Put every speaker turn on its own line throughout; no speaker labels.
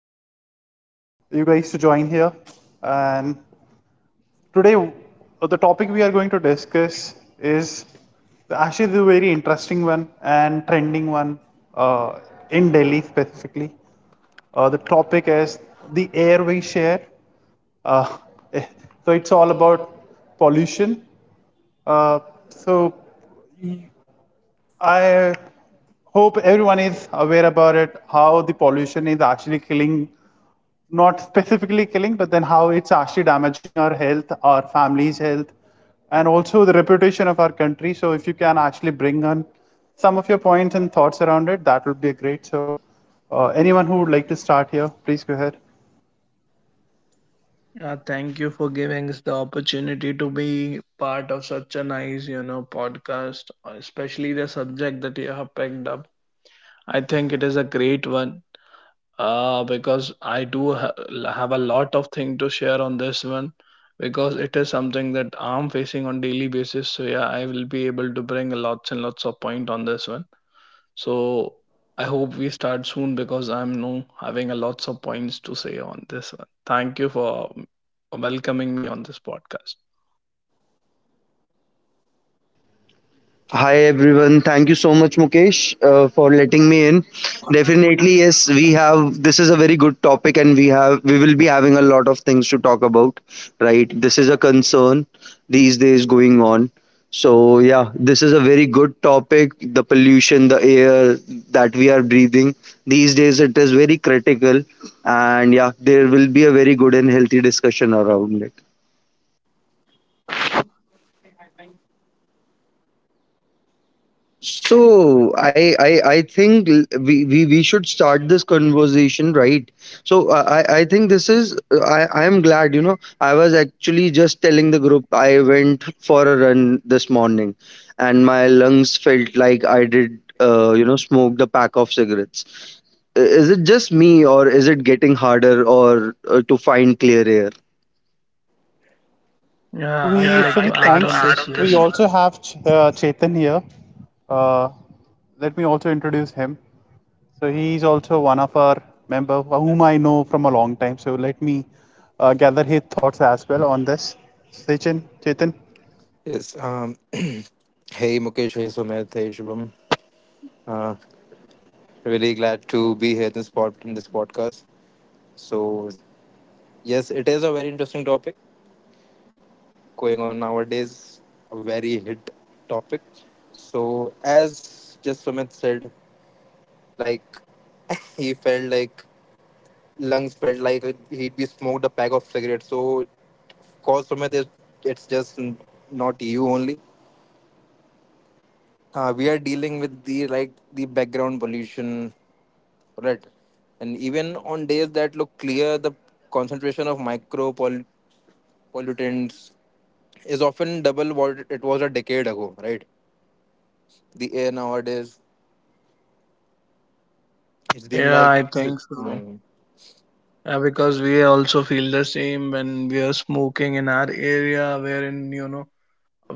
for you guys to join here. And today, the topic we are going to discuss is actually the very interesting one and trending one uh, in Delhi specifically. The topic is the air we share. Uh, so it's all about pollution. Uh, so I hope everyone is aware about it, how the pollution is actually killing, not specifically killing, but then how it's actually damaging our health, our family's health, and also the reputation of our country. So if you can actually bring on some of your points and thoughts around it, that would be great. So anyone who would like to start here, please go ahead.
Yeah, thank you for giving us the opportunity to be part of such a nice, you know, podcast, especially the subject that you have picked up. I think it is a great one because I have a lot of thing to share on this one because it is something that I'm facing on daily basis. So yeah, I will be able to bring lots and lots of point on this one. So I hope we start soon because I'm now having a lots of points to say on this one. Thank you for welcoming me on this podcast.
Hi everyone. Thank you so much, Mukesh, for letting me in. Definitely, yes, we have. This is a very good topic, and we will be having a lot of things to talk about. Right, this is a concern these days going on. So yeah, this is a very good topic. The pollution, the air that we are breathing these days, it is very critical, and yeah, there will be a very good and healthy discussion around it. So I think we should start this conversation right. So I think this is I am glad. You know, I was actually just telling the group I went for a run this morning, and my lungs felt like I did you know, smoked a pack of cigarettes. Is it just me, or is it getting harder or to find clear air?
Yeah, I'd
So
like
we,
to
Yeah,
add
so we
on
I'd like
this
to thanks. Add
one.
on We this. Also have Chetan here. Uh, Let me also introduce him. So he is also one of our member whom I know from a long time. So let me gather his thoughts as well on this. Sachin, Chetan.
Yes. Hey, Mukesh. Hey, Sumit. Hey, Shubham. Uh, Really glad to be here in this podcast. So, yes, it is a very interesting topic going on nowadays. A very hit topic. So, as just Sumit said, like he felt like lungs felt like he'd be smoked a pack of cigarettes. So, of course, Sumit, it's just not you only. We are dealing with the like the background pollution. Right. And even on days that look clear, the concentration of micro pollutants is often double what it was a decade ago, right? The air nowadays, it's being
Yeah,
like.
I think so.
Mm.
Yeah, because we also feel the same when we are smoking in our area, wherein, you know,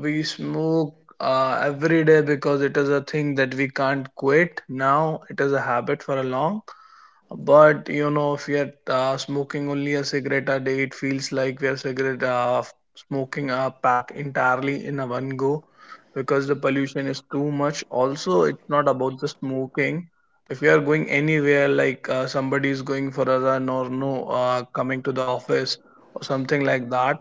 we smoke every day because it is a thing that we can't quit. Now it is a habit for a long. But you know, if you're smoking only a cigarette a day, it feels like we are cigarette smoking a pack entirely in a one go because the pollution is too much. Also, it's not about the smoking. If you are going anywhere, like somebody is going for a run or no, coming to the office or something like that,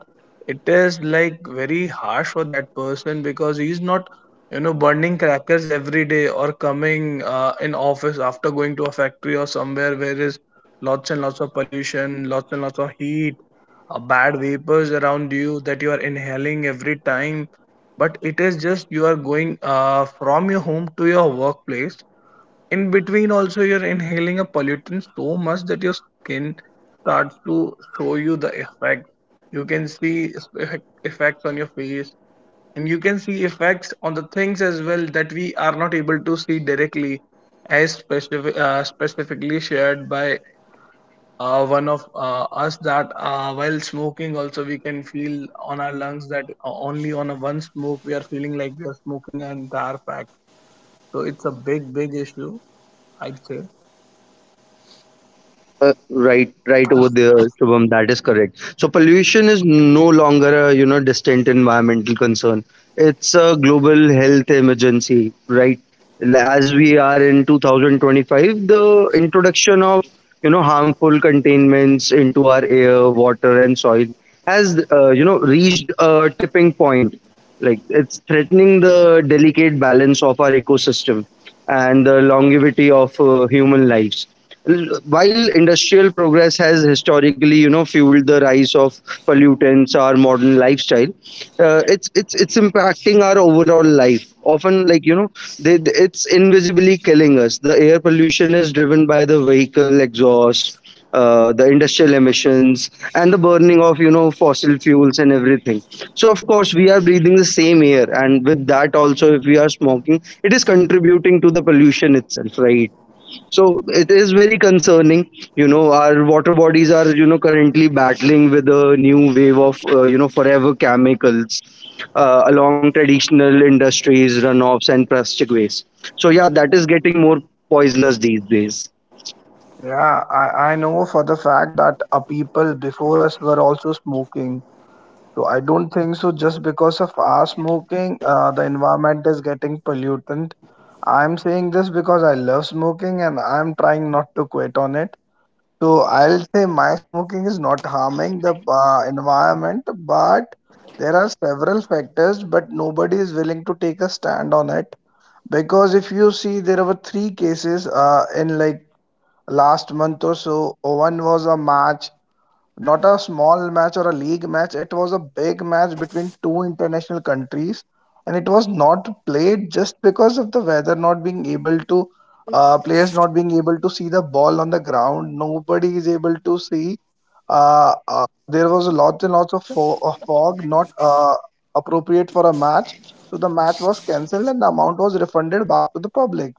it is like very harsh for that person because he is not you know burning crackers every day or coming in office after going to a factory or somewhere where is lots and lots of pollution, lots and lots of heat, bad vapors around you that you are inhaling every time. But it is just you are going from your home to your workplace, in between also you're inhaling a pollutant so much that your skin starts to show you the effect. You can see effect, effects on your face, and you can see effects on the things as well that we are not able to see directly, as specific, specifically shared by one of us, that while smoking also we can feel on our lungs that only on a one smoke we are feeling like we are smoking an entire pack. So it's a big big issue, I'd say.
Uh, right over there, Shubham, that is correct. So pollution is no longer a, you know, distant environmental concern. It's a global health emergency, right? As we are in 2025, the introduction of, you know, harmful containments into our air, water, and soil has, you know, reached a tipping point. Like, it's threatening the delicate balance of our ecosystem and the longevity of human lives. While industrial progress has historically, you know, fueled the rise of pollutants, our modern lifestyle, it's impacting our overall life often. Like, you know, it's invisibly killing us. The air pollution is driven by the vehicle exhaust, the industrial emissions, and the burning of, you know, fossil fuels and everything. So of course we are breathing the same air, and with that also, if we are smoking, it is contributing to the pollution itself, right? So it is very concerning. You know, our water bodies are, you know, currently battling with a new wave of, you know, forever chemicals, along traditional industries, runoffs, and plastic waste. So yeah, that is getting more poisonous these days.
Yeah, I know for the fact that people before us were also smoking. So I don't think so. Just because of our smoking, the environment is getting pollutant. I'm saying this because I love smoking and I'm trying not to quit on it. So I'll say my smoking is not harming the environment, but there are several factors, but nobody is willing to take a stand on it. Because if you see, there were three cases in like last month or so. One was a match, not a small match or a league match. It was a big match between two international countries, and it was not played just because of the weather not being able to, players not being able to see the ball on the ground. Nobody is able to see. There was lots and lots of of fog, not appropriate for a match. So the match was cancelled, and the amount was refunded back to the public.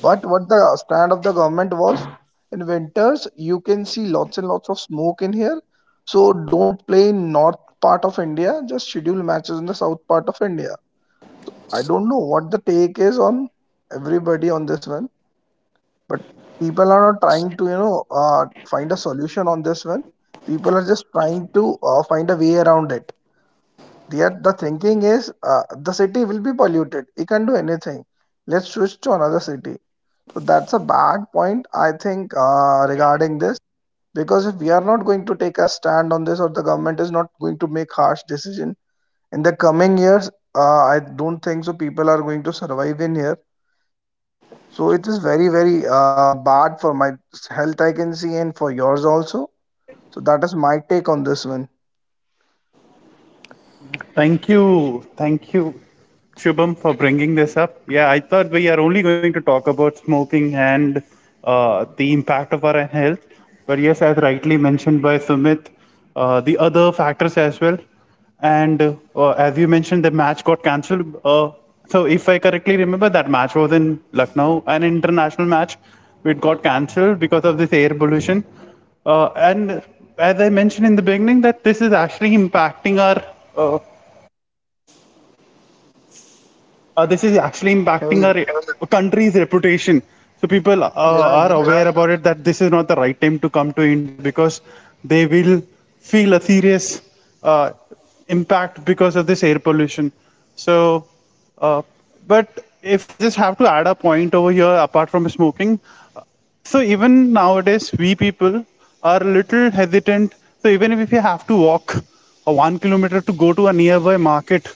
But what the stand of the government was, in winters, you can see lots and lots of smoke in here. So don't play in north part of India. Just schedule matches in the south part of India. I don't know what the take is on everybody on this one, but people are not trying to you know find a solution on this one. People are just trying to find a way around it. Yet the thinking is the city will be polluted. It can do anything. Let's switch to another city. So that's a bad point, I think, regarding this. Because if we are not going to take a stand on this, or the government is not going to make harsh decision in the coming years, I don't think so. People are going to survive in here. So it is very, very bad for my health, I can see, and for yours also. So that is my take on this one.
Thank you. Thank you, Shubham, for bringing this up. Yeah, I thought we are only going to talk about smoking and the impact of our health. But yes, as rightly mentioned by Sumit, the other factors as well. And as you mentioned, the match got cancelled. So, if I correctly remember, that match was in Lucknow, an international match. It got cancelled because of this air pollution. And as I mentioned in the beginning, that uh, this is actually impacting
Health,
our country's reputation. So people
yeah.
are aware about it that this is not the right time to come to India because they will feel a serious uh, impact because of this air pollution. So, uh, but if I just have to add a point over here, apart from smoking, so even nowadays, we people are a little hesitant. So even if we have to walk a 1 kilometer to go to a nearby market,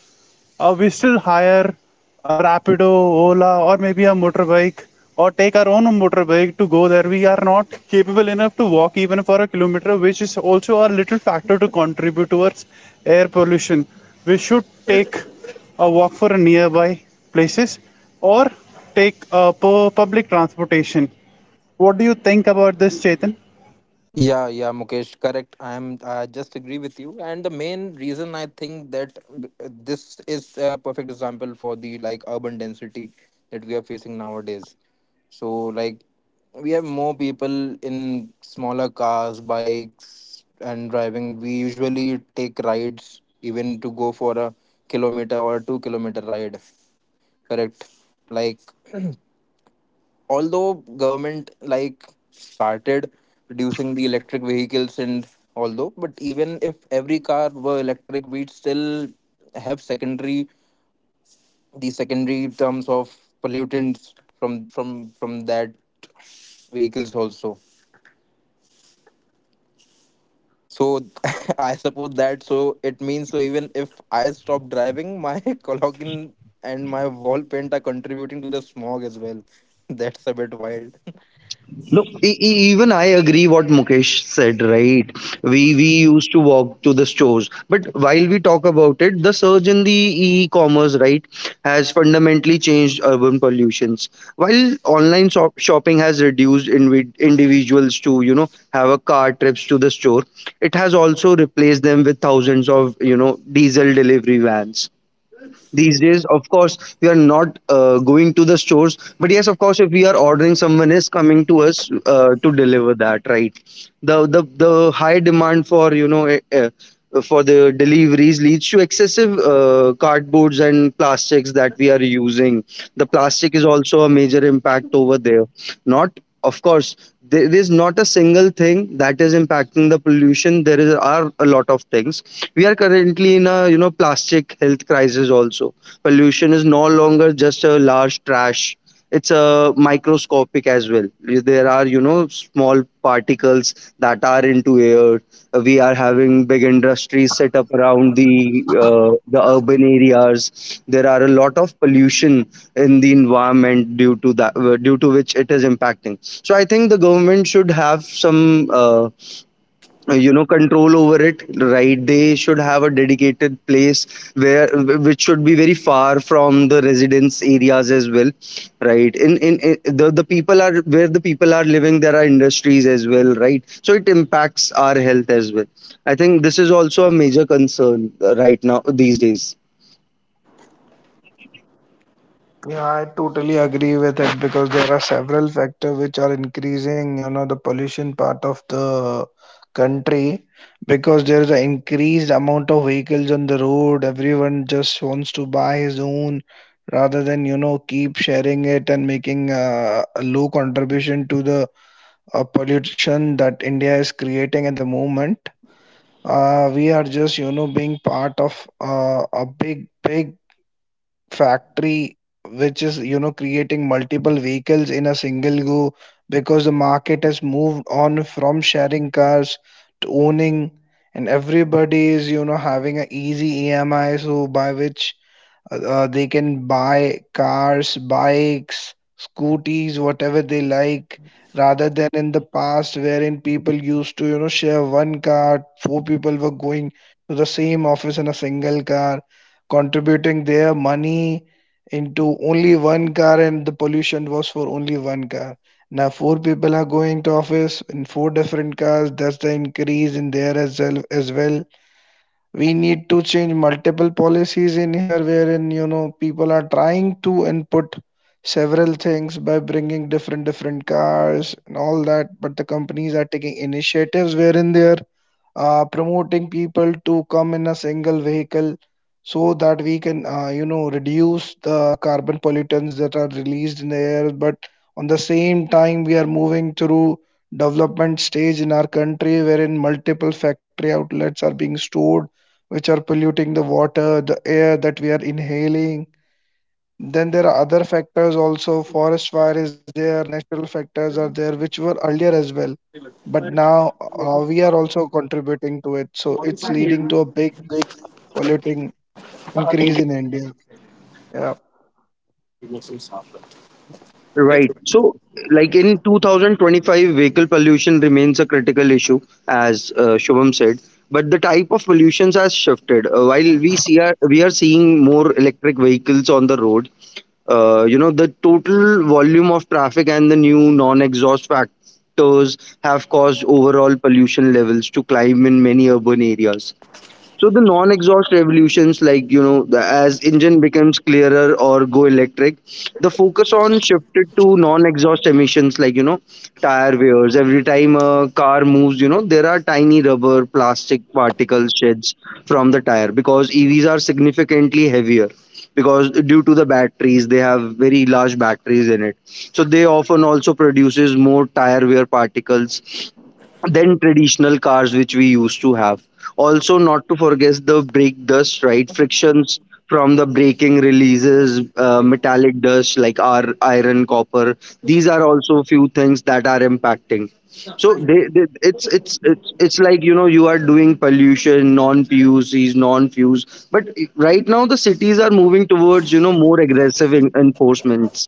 we still hire a Rapido, Ola, or maybe a motorbike, or take our own motorbike to go there. We are not capable enough to walk even for a kilometer, which is also a little factor to contribute towards air pollution. We should take a walk for a nearby places or take public transportation. What do you think about this, Chetan?
Yeah, yeah, Mukesh, correct. I am. I just agree with you. And the main reason I think this is a perfect example for the like urban density that we are facing nowadays. So, like we have more people in smaller cars, bikes, and driving. We usually take rides even to go for a kilometer or 2 kilometer ride. Correct. Like, although government like started reducing the electric vehicles, and although, but even if every car were electric, we'd still have secondary the secondary terms of pollutants from that vehicles also. So, I suppose that, so it means, so even if I stop driving, my cologne and my wall paint are contributing to the smog as well. That's a bit wild.
No, even I agree what Mukesh said, right? We used to walk to the stores, but while we talk about it, the surge in the e-commerce, right, has fundamentally changed urban pollutions. While online shopping has reduced individuals to, you know, have a car trips to the store, it has also replaced them with thousands of, you know, diesel delivery vans these days. Of course, we are not going to the stores, but yes, of course, if we are ordering, someone is coming to us to deliver that, right? The high demand for, you know, for the deliveries leads to excessive cardboards and plastics that we are using. The plastic is also a major impact over there. Not, of course, there is not a single thing that is impacting the pollution. There are a lot of things. We are currently in a, you know, plastic health crisis also. Pollution is no longer just a large trash. It's a microscopic as well. There are, you know, small particles that are into air. We are having big industries set up around the urban areas. There are a lot of pollution in the environment due to that, due to which it is impacting. So I think the government should have some. You know, control over it, right? They should have a dedicated place which should be very far from the residence areas as well, right? In The people are, where the people are living, there are industries as well, right? So it impacts our health as well. I think this is also a major concern, right now these days.
Yeah, I totally agree with it because there are several factors which are increasing, you know, the pollution part of the country because there is an increased amount of vehicles on the road. Everyone just wants to buy his own rather than, you know, keep sharing it and making a low contribution to the pollution that India is creating at the moment. We are just, you know, being part of a big, big factory which is you know creating multiple vehicles in a single go because the market has moved on from sharing cars to owning, and everybody is you know having an easy EMI, so by which they can buy cars, bikes, scooties, whatever they like, rather than in the past wherein people used to, you know, share one car, four people were going to the same office in a single car, contributing their money into only one car, and the pollution was for only one car. Now four people are going to office in four different cars. That's the increase in there as well. As well, we need to change multiple policies in here wherein you know people are trying to input several things by bringing different different cars and all that, but the companies are taking initiatives wherein they are promoting people to come in a single vehicle so that we can you know reduce the carbon pollutants that are released in the air. But on the same time, we are moving through development stage in our country wherein multiple factory outlets are being stored which are polluting the water, the air that we are inhaling. Then there are other factors also. Forest fire is there, natural factors are there, which were earlier as well, but now we are also contributing to it, so it's leading to a big big polluting increase in India. Yeah.
Right. So, like in 2025, vehicle pollution remains a critical issue, as Shubham said. But the type of pollutions has shifted. While we are seeing more electric vehicles on the road, you know, the total volume of traffic and the new non-exhaust factors have caused overall pollution levels to climb in many urban areas. So the non-exhaust revolutions, like, you know, the, as engine becomes clearer or go electric, the focus on shifted to non-exhaust emissions, like, you know, tire wears. Every time a car moves, you know, there are tiny rubber, plastic particle sheds from the tire, because EVs are significantly heavier. Because due to the batteries, they have very large batteries in it, so they often also produces more tire wear particles than traditional cars which we used to have. Also, not to forget the brake dust, right? Frictions from the braking releases metallic dust like our iron, copper. These are also few things that are impacting. So it's like, you know, you are doing pollution, non-PUCs, non-fuse. But right now the cities are moving towards, you know, more aggressive enforcements.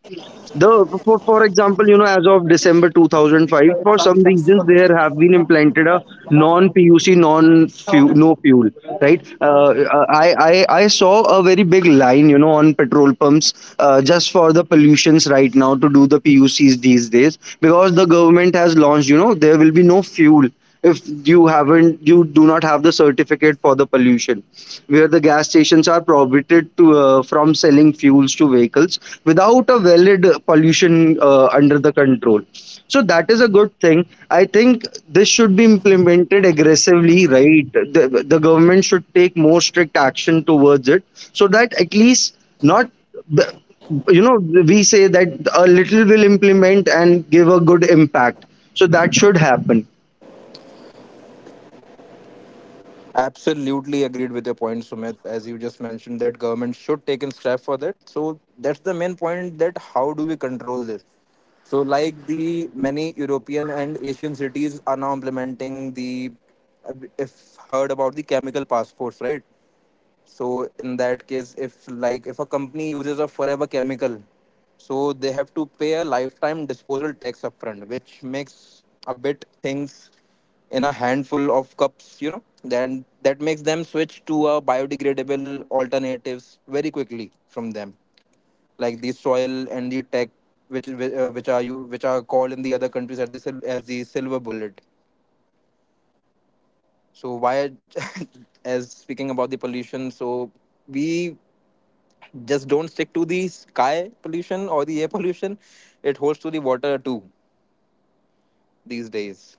The for example, you know, as of December 2005, for some reasons there have been implanted a non-PUC, non-fuel, no fuel, right? I saw a very big line, you know, on petrol pumps just for the pollutions right now to do the PUCs these days, because the government has launched, you know, there will be no fuel if you haven't, you do not have the certificate for the pollution, where the gas stations are prohibited to, from selling fuels to vehicles without a valid pollution under the control. So that is a good thing. I think this should be implemented aggressively, right? The government should take more strict action towards it, so that at least not the- you know, we say that a little will implement and give a good impact, so that should happen.
Absolutely agreed with your point, Sumit. As you just mentioned, that government should take in step for that. So that's the main point. That how do we control this? So, like, the many European and Asian cities are now implementing the, if heard about the chemical passports, right? So in that case, if, like, if a company uses a forever chemical, so they have to pay a lifetime disposal tax upfront, which makes a bit things in a handful of cups, you know. Then that makes them switch to a biodegradable alternatives very quickly from them, like the soil and the tech, which which are you which are called in the other countries as the silver bullet. So why, as speaking about the pollution, so we just don't stick to the sky pollution or the air pollution. It holds to the water too these days.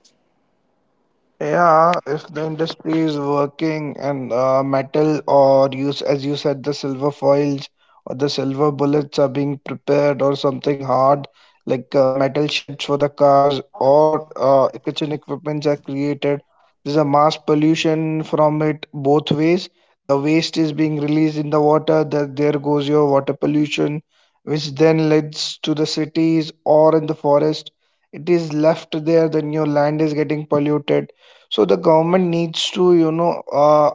Yeah, if the industry is working and metal or use, as you said, the silver foils or the silver bullets are being prepared or something hard like metal sheds for the cars or kitchen equipments are created. There's a mass pollution from it both ways. The waste is being released in the water. That there goes your water pollution, which then leads to the cities or in the forest. It is left there. Then your land is getting polluted. So the government needs to, you know,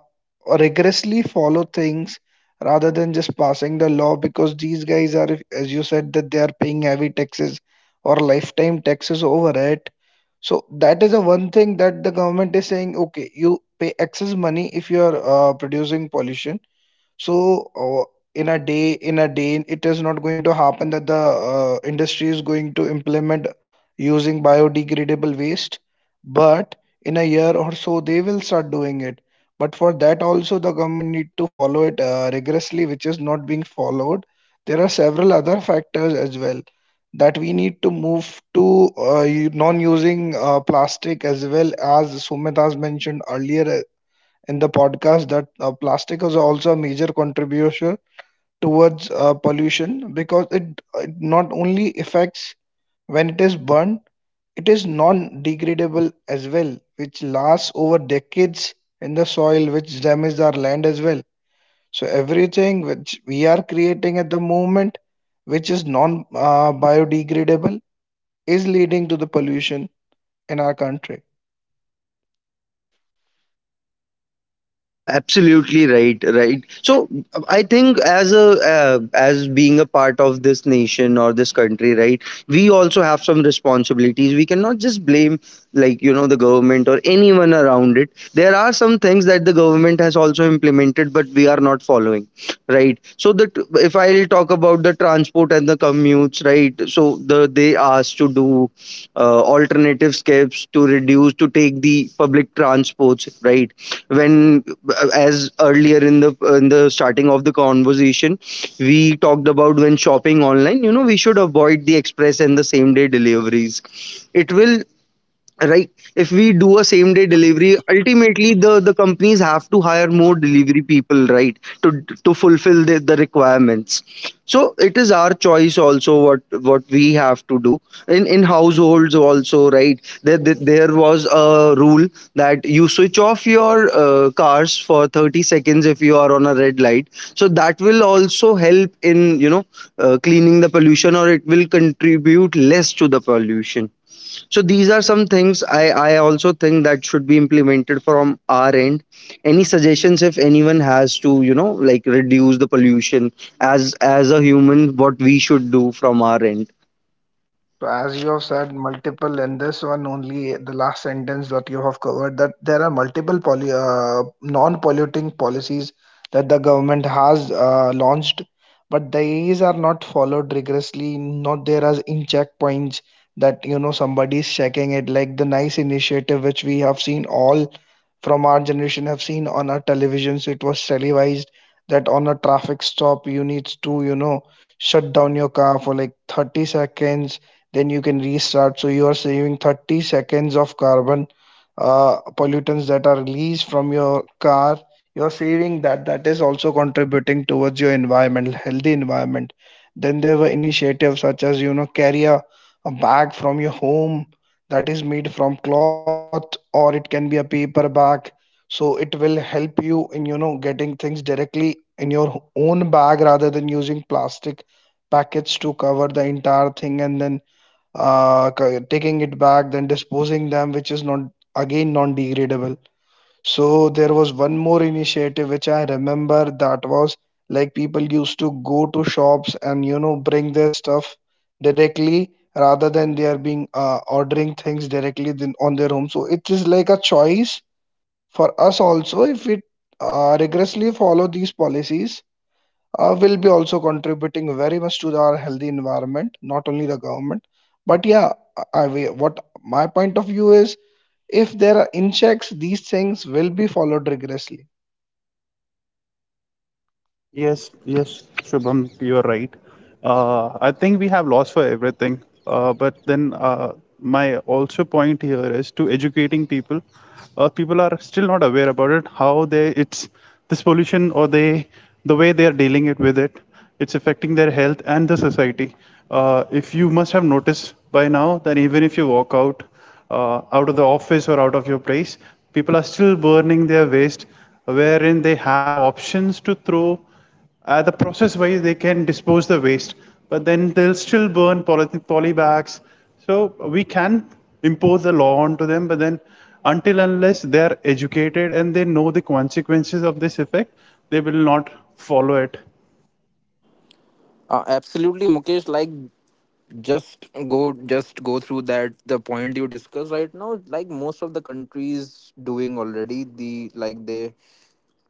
rigorously follow things rather than just passing the law, because these guys are, as you said, that they are paying heavy taxes or lifetime taxes over it. So that is the one thing that the government is saying, okay, you pay excess money if you are producing pollution. So in a day it is not going to happen that the industry is going to implement using biodegradable waste, but in a year or so they will start doing it. But for that also the government need to follow it rigorously, which is not being followed. There are several other factors as well that we need to move to, non using plastic, as well as Sumit has mentioned earlier in the podcast that plastic is also a major contributor towards pollution, because it not only affects when it is burned, it is non-degradable as well, which lasts over decades in the soil, which damages our land as well. So everything which we are creating at the moment, which is non-biodegradable, is leading to the pollution in our country.
Absolutely right, right. So I think as a, as being a part of this nation or this country, right, we also have some responsibilities. We cannot just blame, like, you know, the government or anyone around it. There are some things that the government has also implemented, but we are not following, right? So that, if I'll talk about the transport and the commutes, right, so the, they asked to do alternative steps to reduce, to take the public transports, right? When, as earlier in the, in the starting of the conversation, we talked about, when shopping online, you know, we should avoid the express and the same day deliveries. It will, right? If we do a same day delivery, ultimately the companies have to hire more delivery people, right, to fulfill the requirements. So it is our choice also what we have to do. In households also, right, there was a rule that you switch off your cars for 30 seconds if you are on a red light. So that will also help in, you know, cleaning the pollution, or it will contribute less to the pollution. So these are some things I also think that should be implemented from our end. Any suggestions, if anyone has, to, you know, like, reduce the pollution, as a human, what we should do from our end?
So as you have said multiple in this one only the last sentence that you have covered, that there are multiple poly, non-polluting policies that the government has launched, but these are not followed rigorously. Not there as in checkpoints that you know somebody is checking it, like the nice initiative which we have seen all from our generation have seen on our televisions. It was televised that on a traffic stop you need to you know shut down your car for like 30 seconds, then you can restart. So you are saving 30 seconds of carbon pollutants that are released from your car. You're saving that. That is also contributing towards your environment, healthy environment. Then there were initiatives such as you know carry a bag from your home that is made from cloth or it can be a paper bag. So it will help you in you know getting things directly in your own bag rather than using plastic packets to cover the entire thing and then taking it back, then disposing them, which is not again non-degradable. So there was one more initiative which I remember, that was like people used to go to shops and you know bring their stuff directly rather than they are being ordering things directly than on their home. So it is like a choice for us also, if we rigorously follow these policies, will be also contributing very much to our healthy environment, not only the government. But yeah, what my point of view is, if there are inchecks, these things will be followed rigorously.
Yes, yes, Shubham, you're right. I think we have lost for everything. But then my also point here is to educating people. People are still not aware about it. How they it's this pollution or they the way they are dealing it with it. It's affecting their health and the society. If you must have noticed by now that even if you walk out out of the office or out of your place, people are still burning their waste, wherein they have options to throw the process wise, they can dispose the waste, but then they'll still burn poly bags. So we can impose the law onto them, but then until unless they are educated and they know the consequences of this effect, they will not follow it.
Absolutely, Mukesh, like just go through that the point you discussed right now. Like most of the countries doing already the like they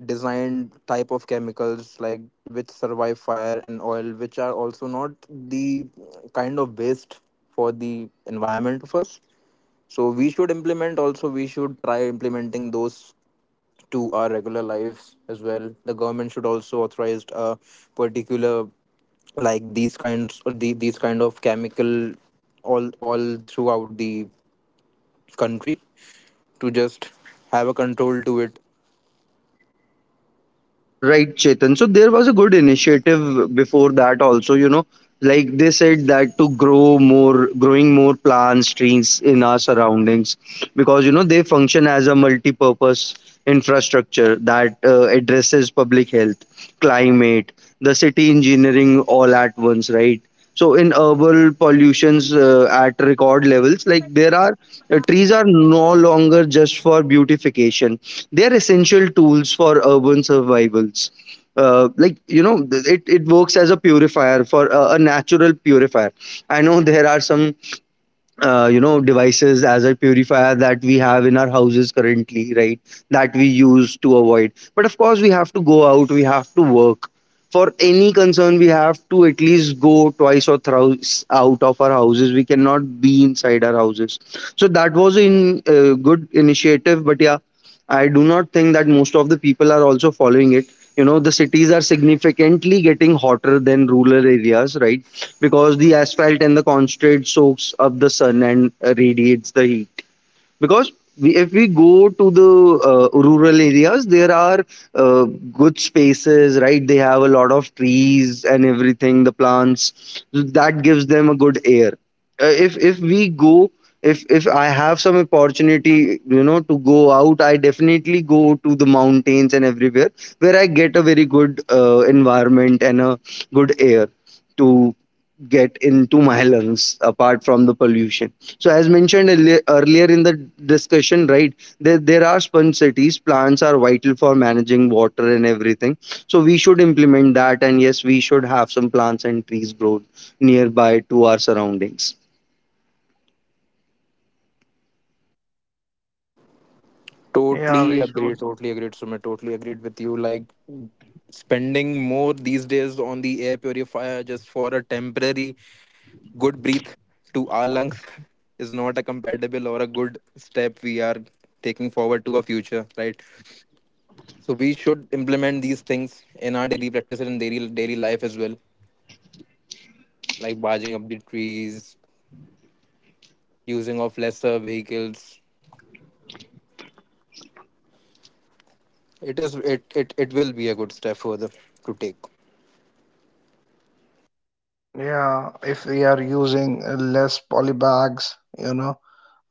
designed type of chemicals, like which survive fire and oil, which are also not the kind of waste for the environment of us. So we should implement, also we should try implementing those to our regular lives as well. The government should also authorize a particular, like these these kind of chemical all throughout the country to just have a control to it.
Right, Chetan. So there was a good initiative before that also, you know, like they said that to grow more, growing more plants, trees in our surroundings, because, you know, they function as a multi-purpose infrastructure that addresses public health, climate, the city engineering all at once, right? So in urban pollutions at record levels, like there are, trees are no longer just for beautification. They are essential tools for urban survivals, like, you know, it, it works as a purifier, for a natural purifier. I know there are some, you know, devices as a purifier that we have in our houses currently, right, that we use to avoid. But of course we have to go out, we have to work. For any concern we have to at least go twice or thrice out of our houses, we cannot be inside our houses. So that was in good initiative, but yeah, I do not think that most of the people are also following it. You know, the cities are significantly getting hotter than rural areas, right, because the asphalt and the concrete soaks up the sun and radiates the heat. Because we, if we go to the rural areas, there are uh, good spaces, right? They have a lot of trees and everything, the plants, that gives them a good air. If we go, if I have some opportunity, you know, to go out, I definitely go to the mountains and everywhere where I get a very good environment and a good air to get into my lungs, apart from the pollution. So as mentioned earlier in the discussion, right, there are sponge cities. Plants are vital for managing water and everything. So we should implement that. And yes, we should have some plants and trees grow nearby to our surroundings.
Yeah, we
Totally
should.
agree. Totally agreed, Sumit. Totally agreed with you. Like, spending more these days on the air purifier just for a temporary good breath to our lungs is not a compatible or a good step we are taking forward to our future, right? So we should implement these things in our daily practices and daily life as well, like barging up the trees, using of lesser vehicles. It is it it, it will be a good step further to take.
Yeah, if we are using less poly bags, you know,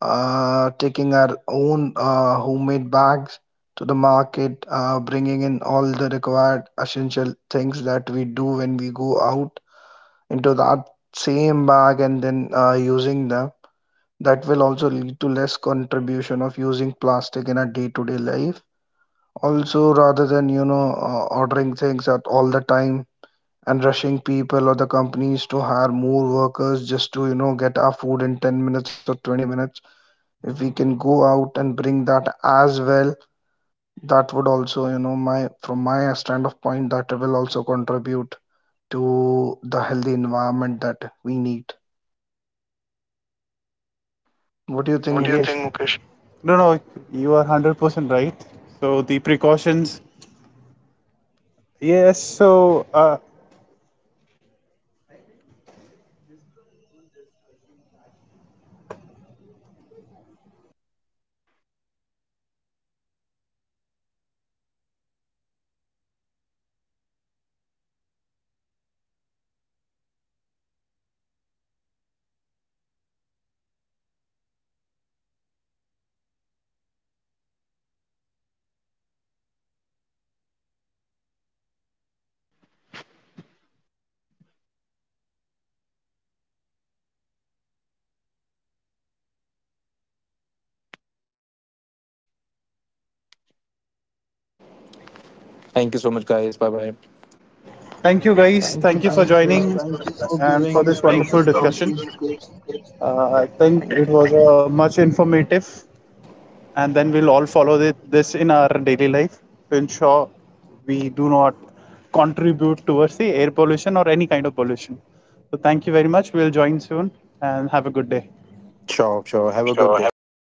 taking our own homemade bags to the market, bringing in all the required essential things that we do when we go out into that same bag, and then using them. That will also lead to less contribution of using plastic in our day-to-day life. Also, rather than you know ordering things at all the time and rushing people or the companies to hire more workers just to you know get our food in 10 minutes or 20 minutes, if we can go out and bring that as well, that would also you know my from my stand of point that will also contribute to the healthy environment that we need. What do you think,
What do you Yeah. think,
Mukesh?
Mukesh? No, no, you are 100% right. So the precautions. Yes, so uh,
I think, you know, this is a very good discussion that we had today. So this is all that it's not just about people th- that's working, right? So I think we should all contribute. It's not just single person or a single entity that we should blame. We should all work together. And I think this was the end. We should end this conversation. Thank you so much everyone for joining. It was a really good discussion. If we have something else, we'll definitely, you know, create one more podcast around it. Thank you, and we'll see you in the next podcast. Bye to everyone.
Thank you so much, guys. Bye bye.
thank you guys.
Thank
Thank
you,
you for
thank you,
joining
thank you for
and for
giving
this
us the
wonderful discussion.
opportunity, Mukesh.
I think it
Thank
was
you.
much informative and then we'll all follow this in our daily life to ensure we do not contribute towards the air pollution or any kind of pollution. So, thank you very much. We'll join soon and have a good day.
Sure, sure. Have a good
Sure. Have
day.
a good day.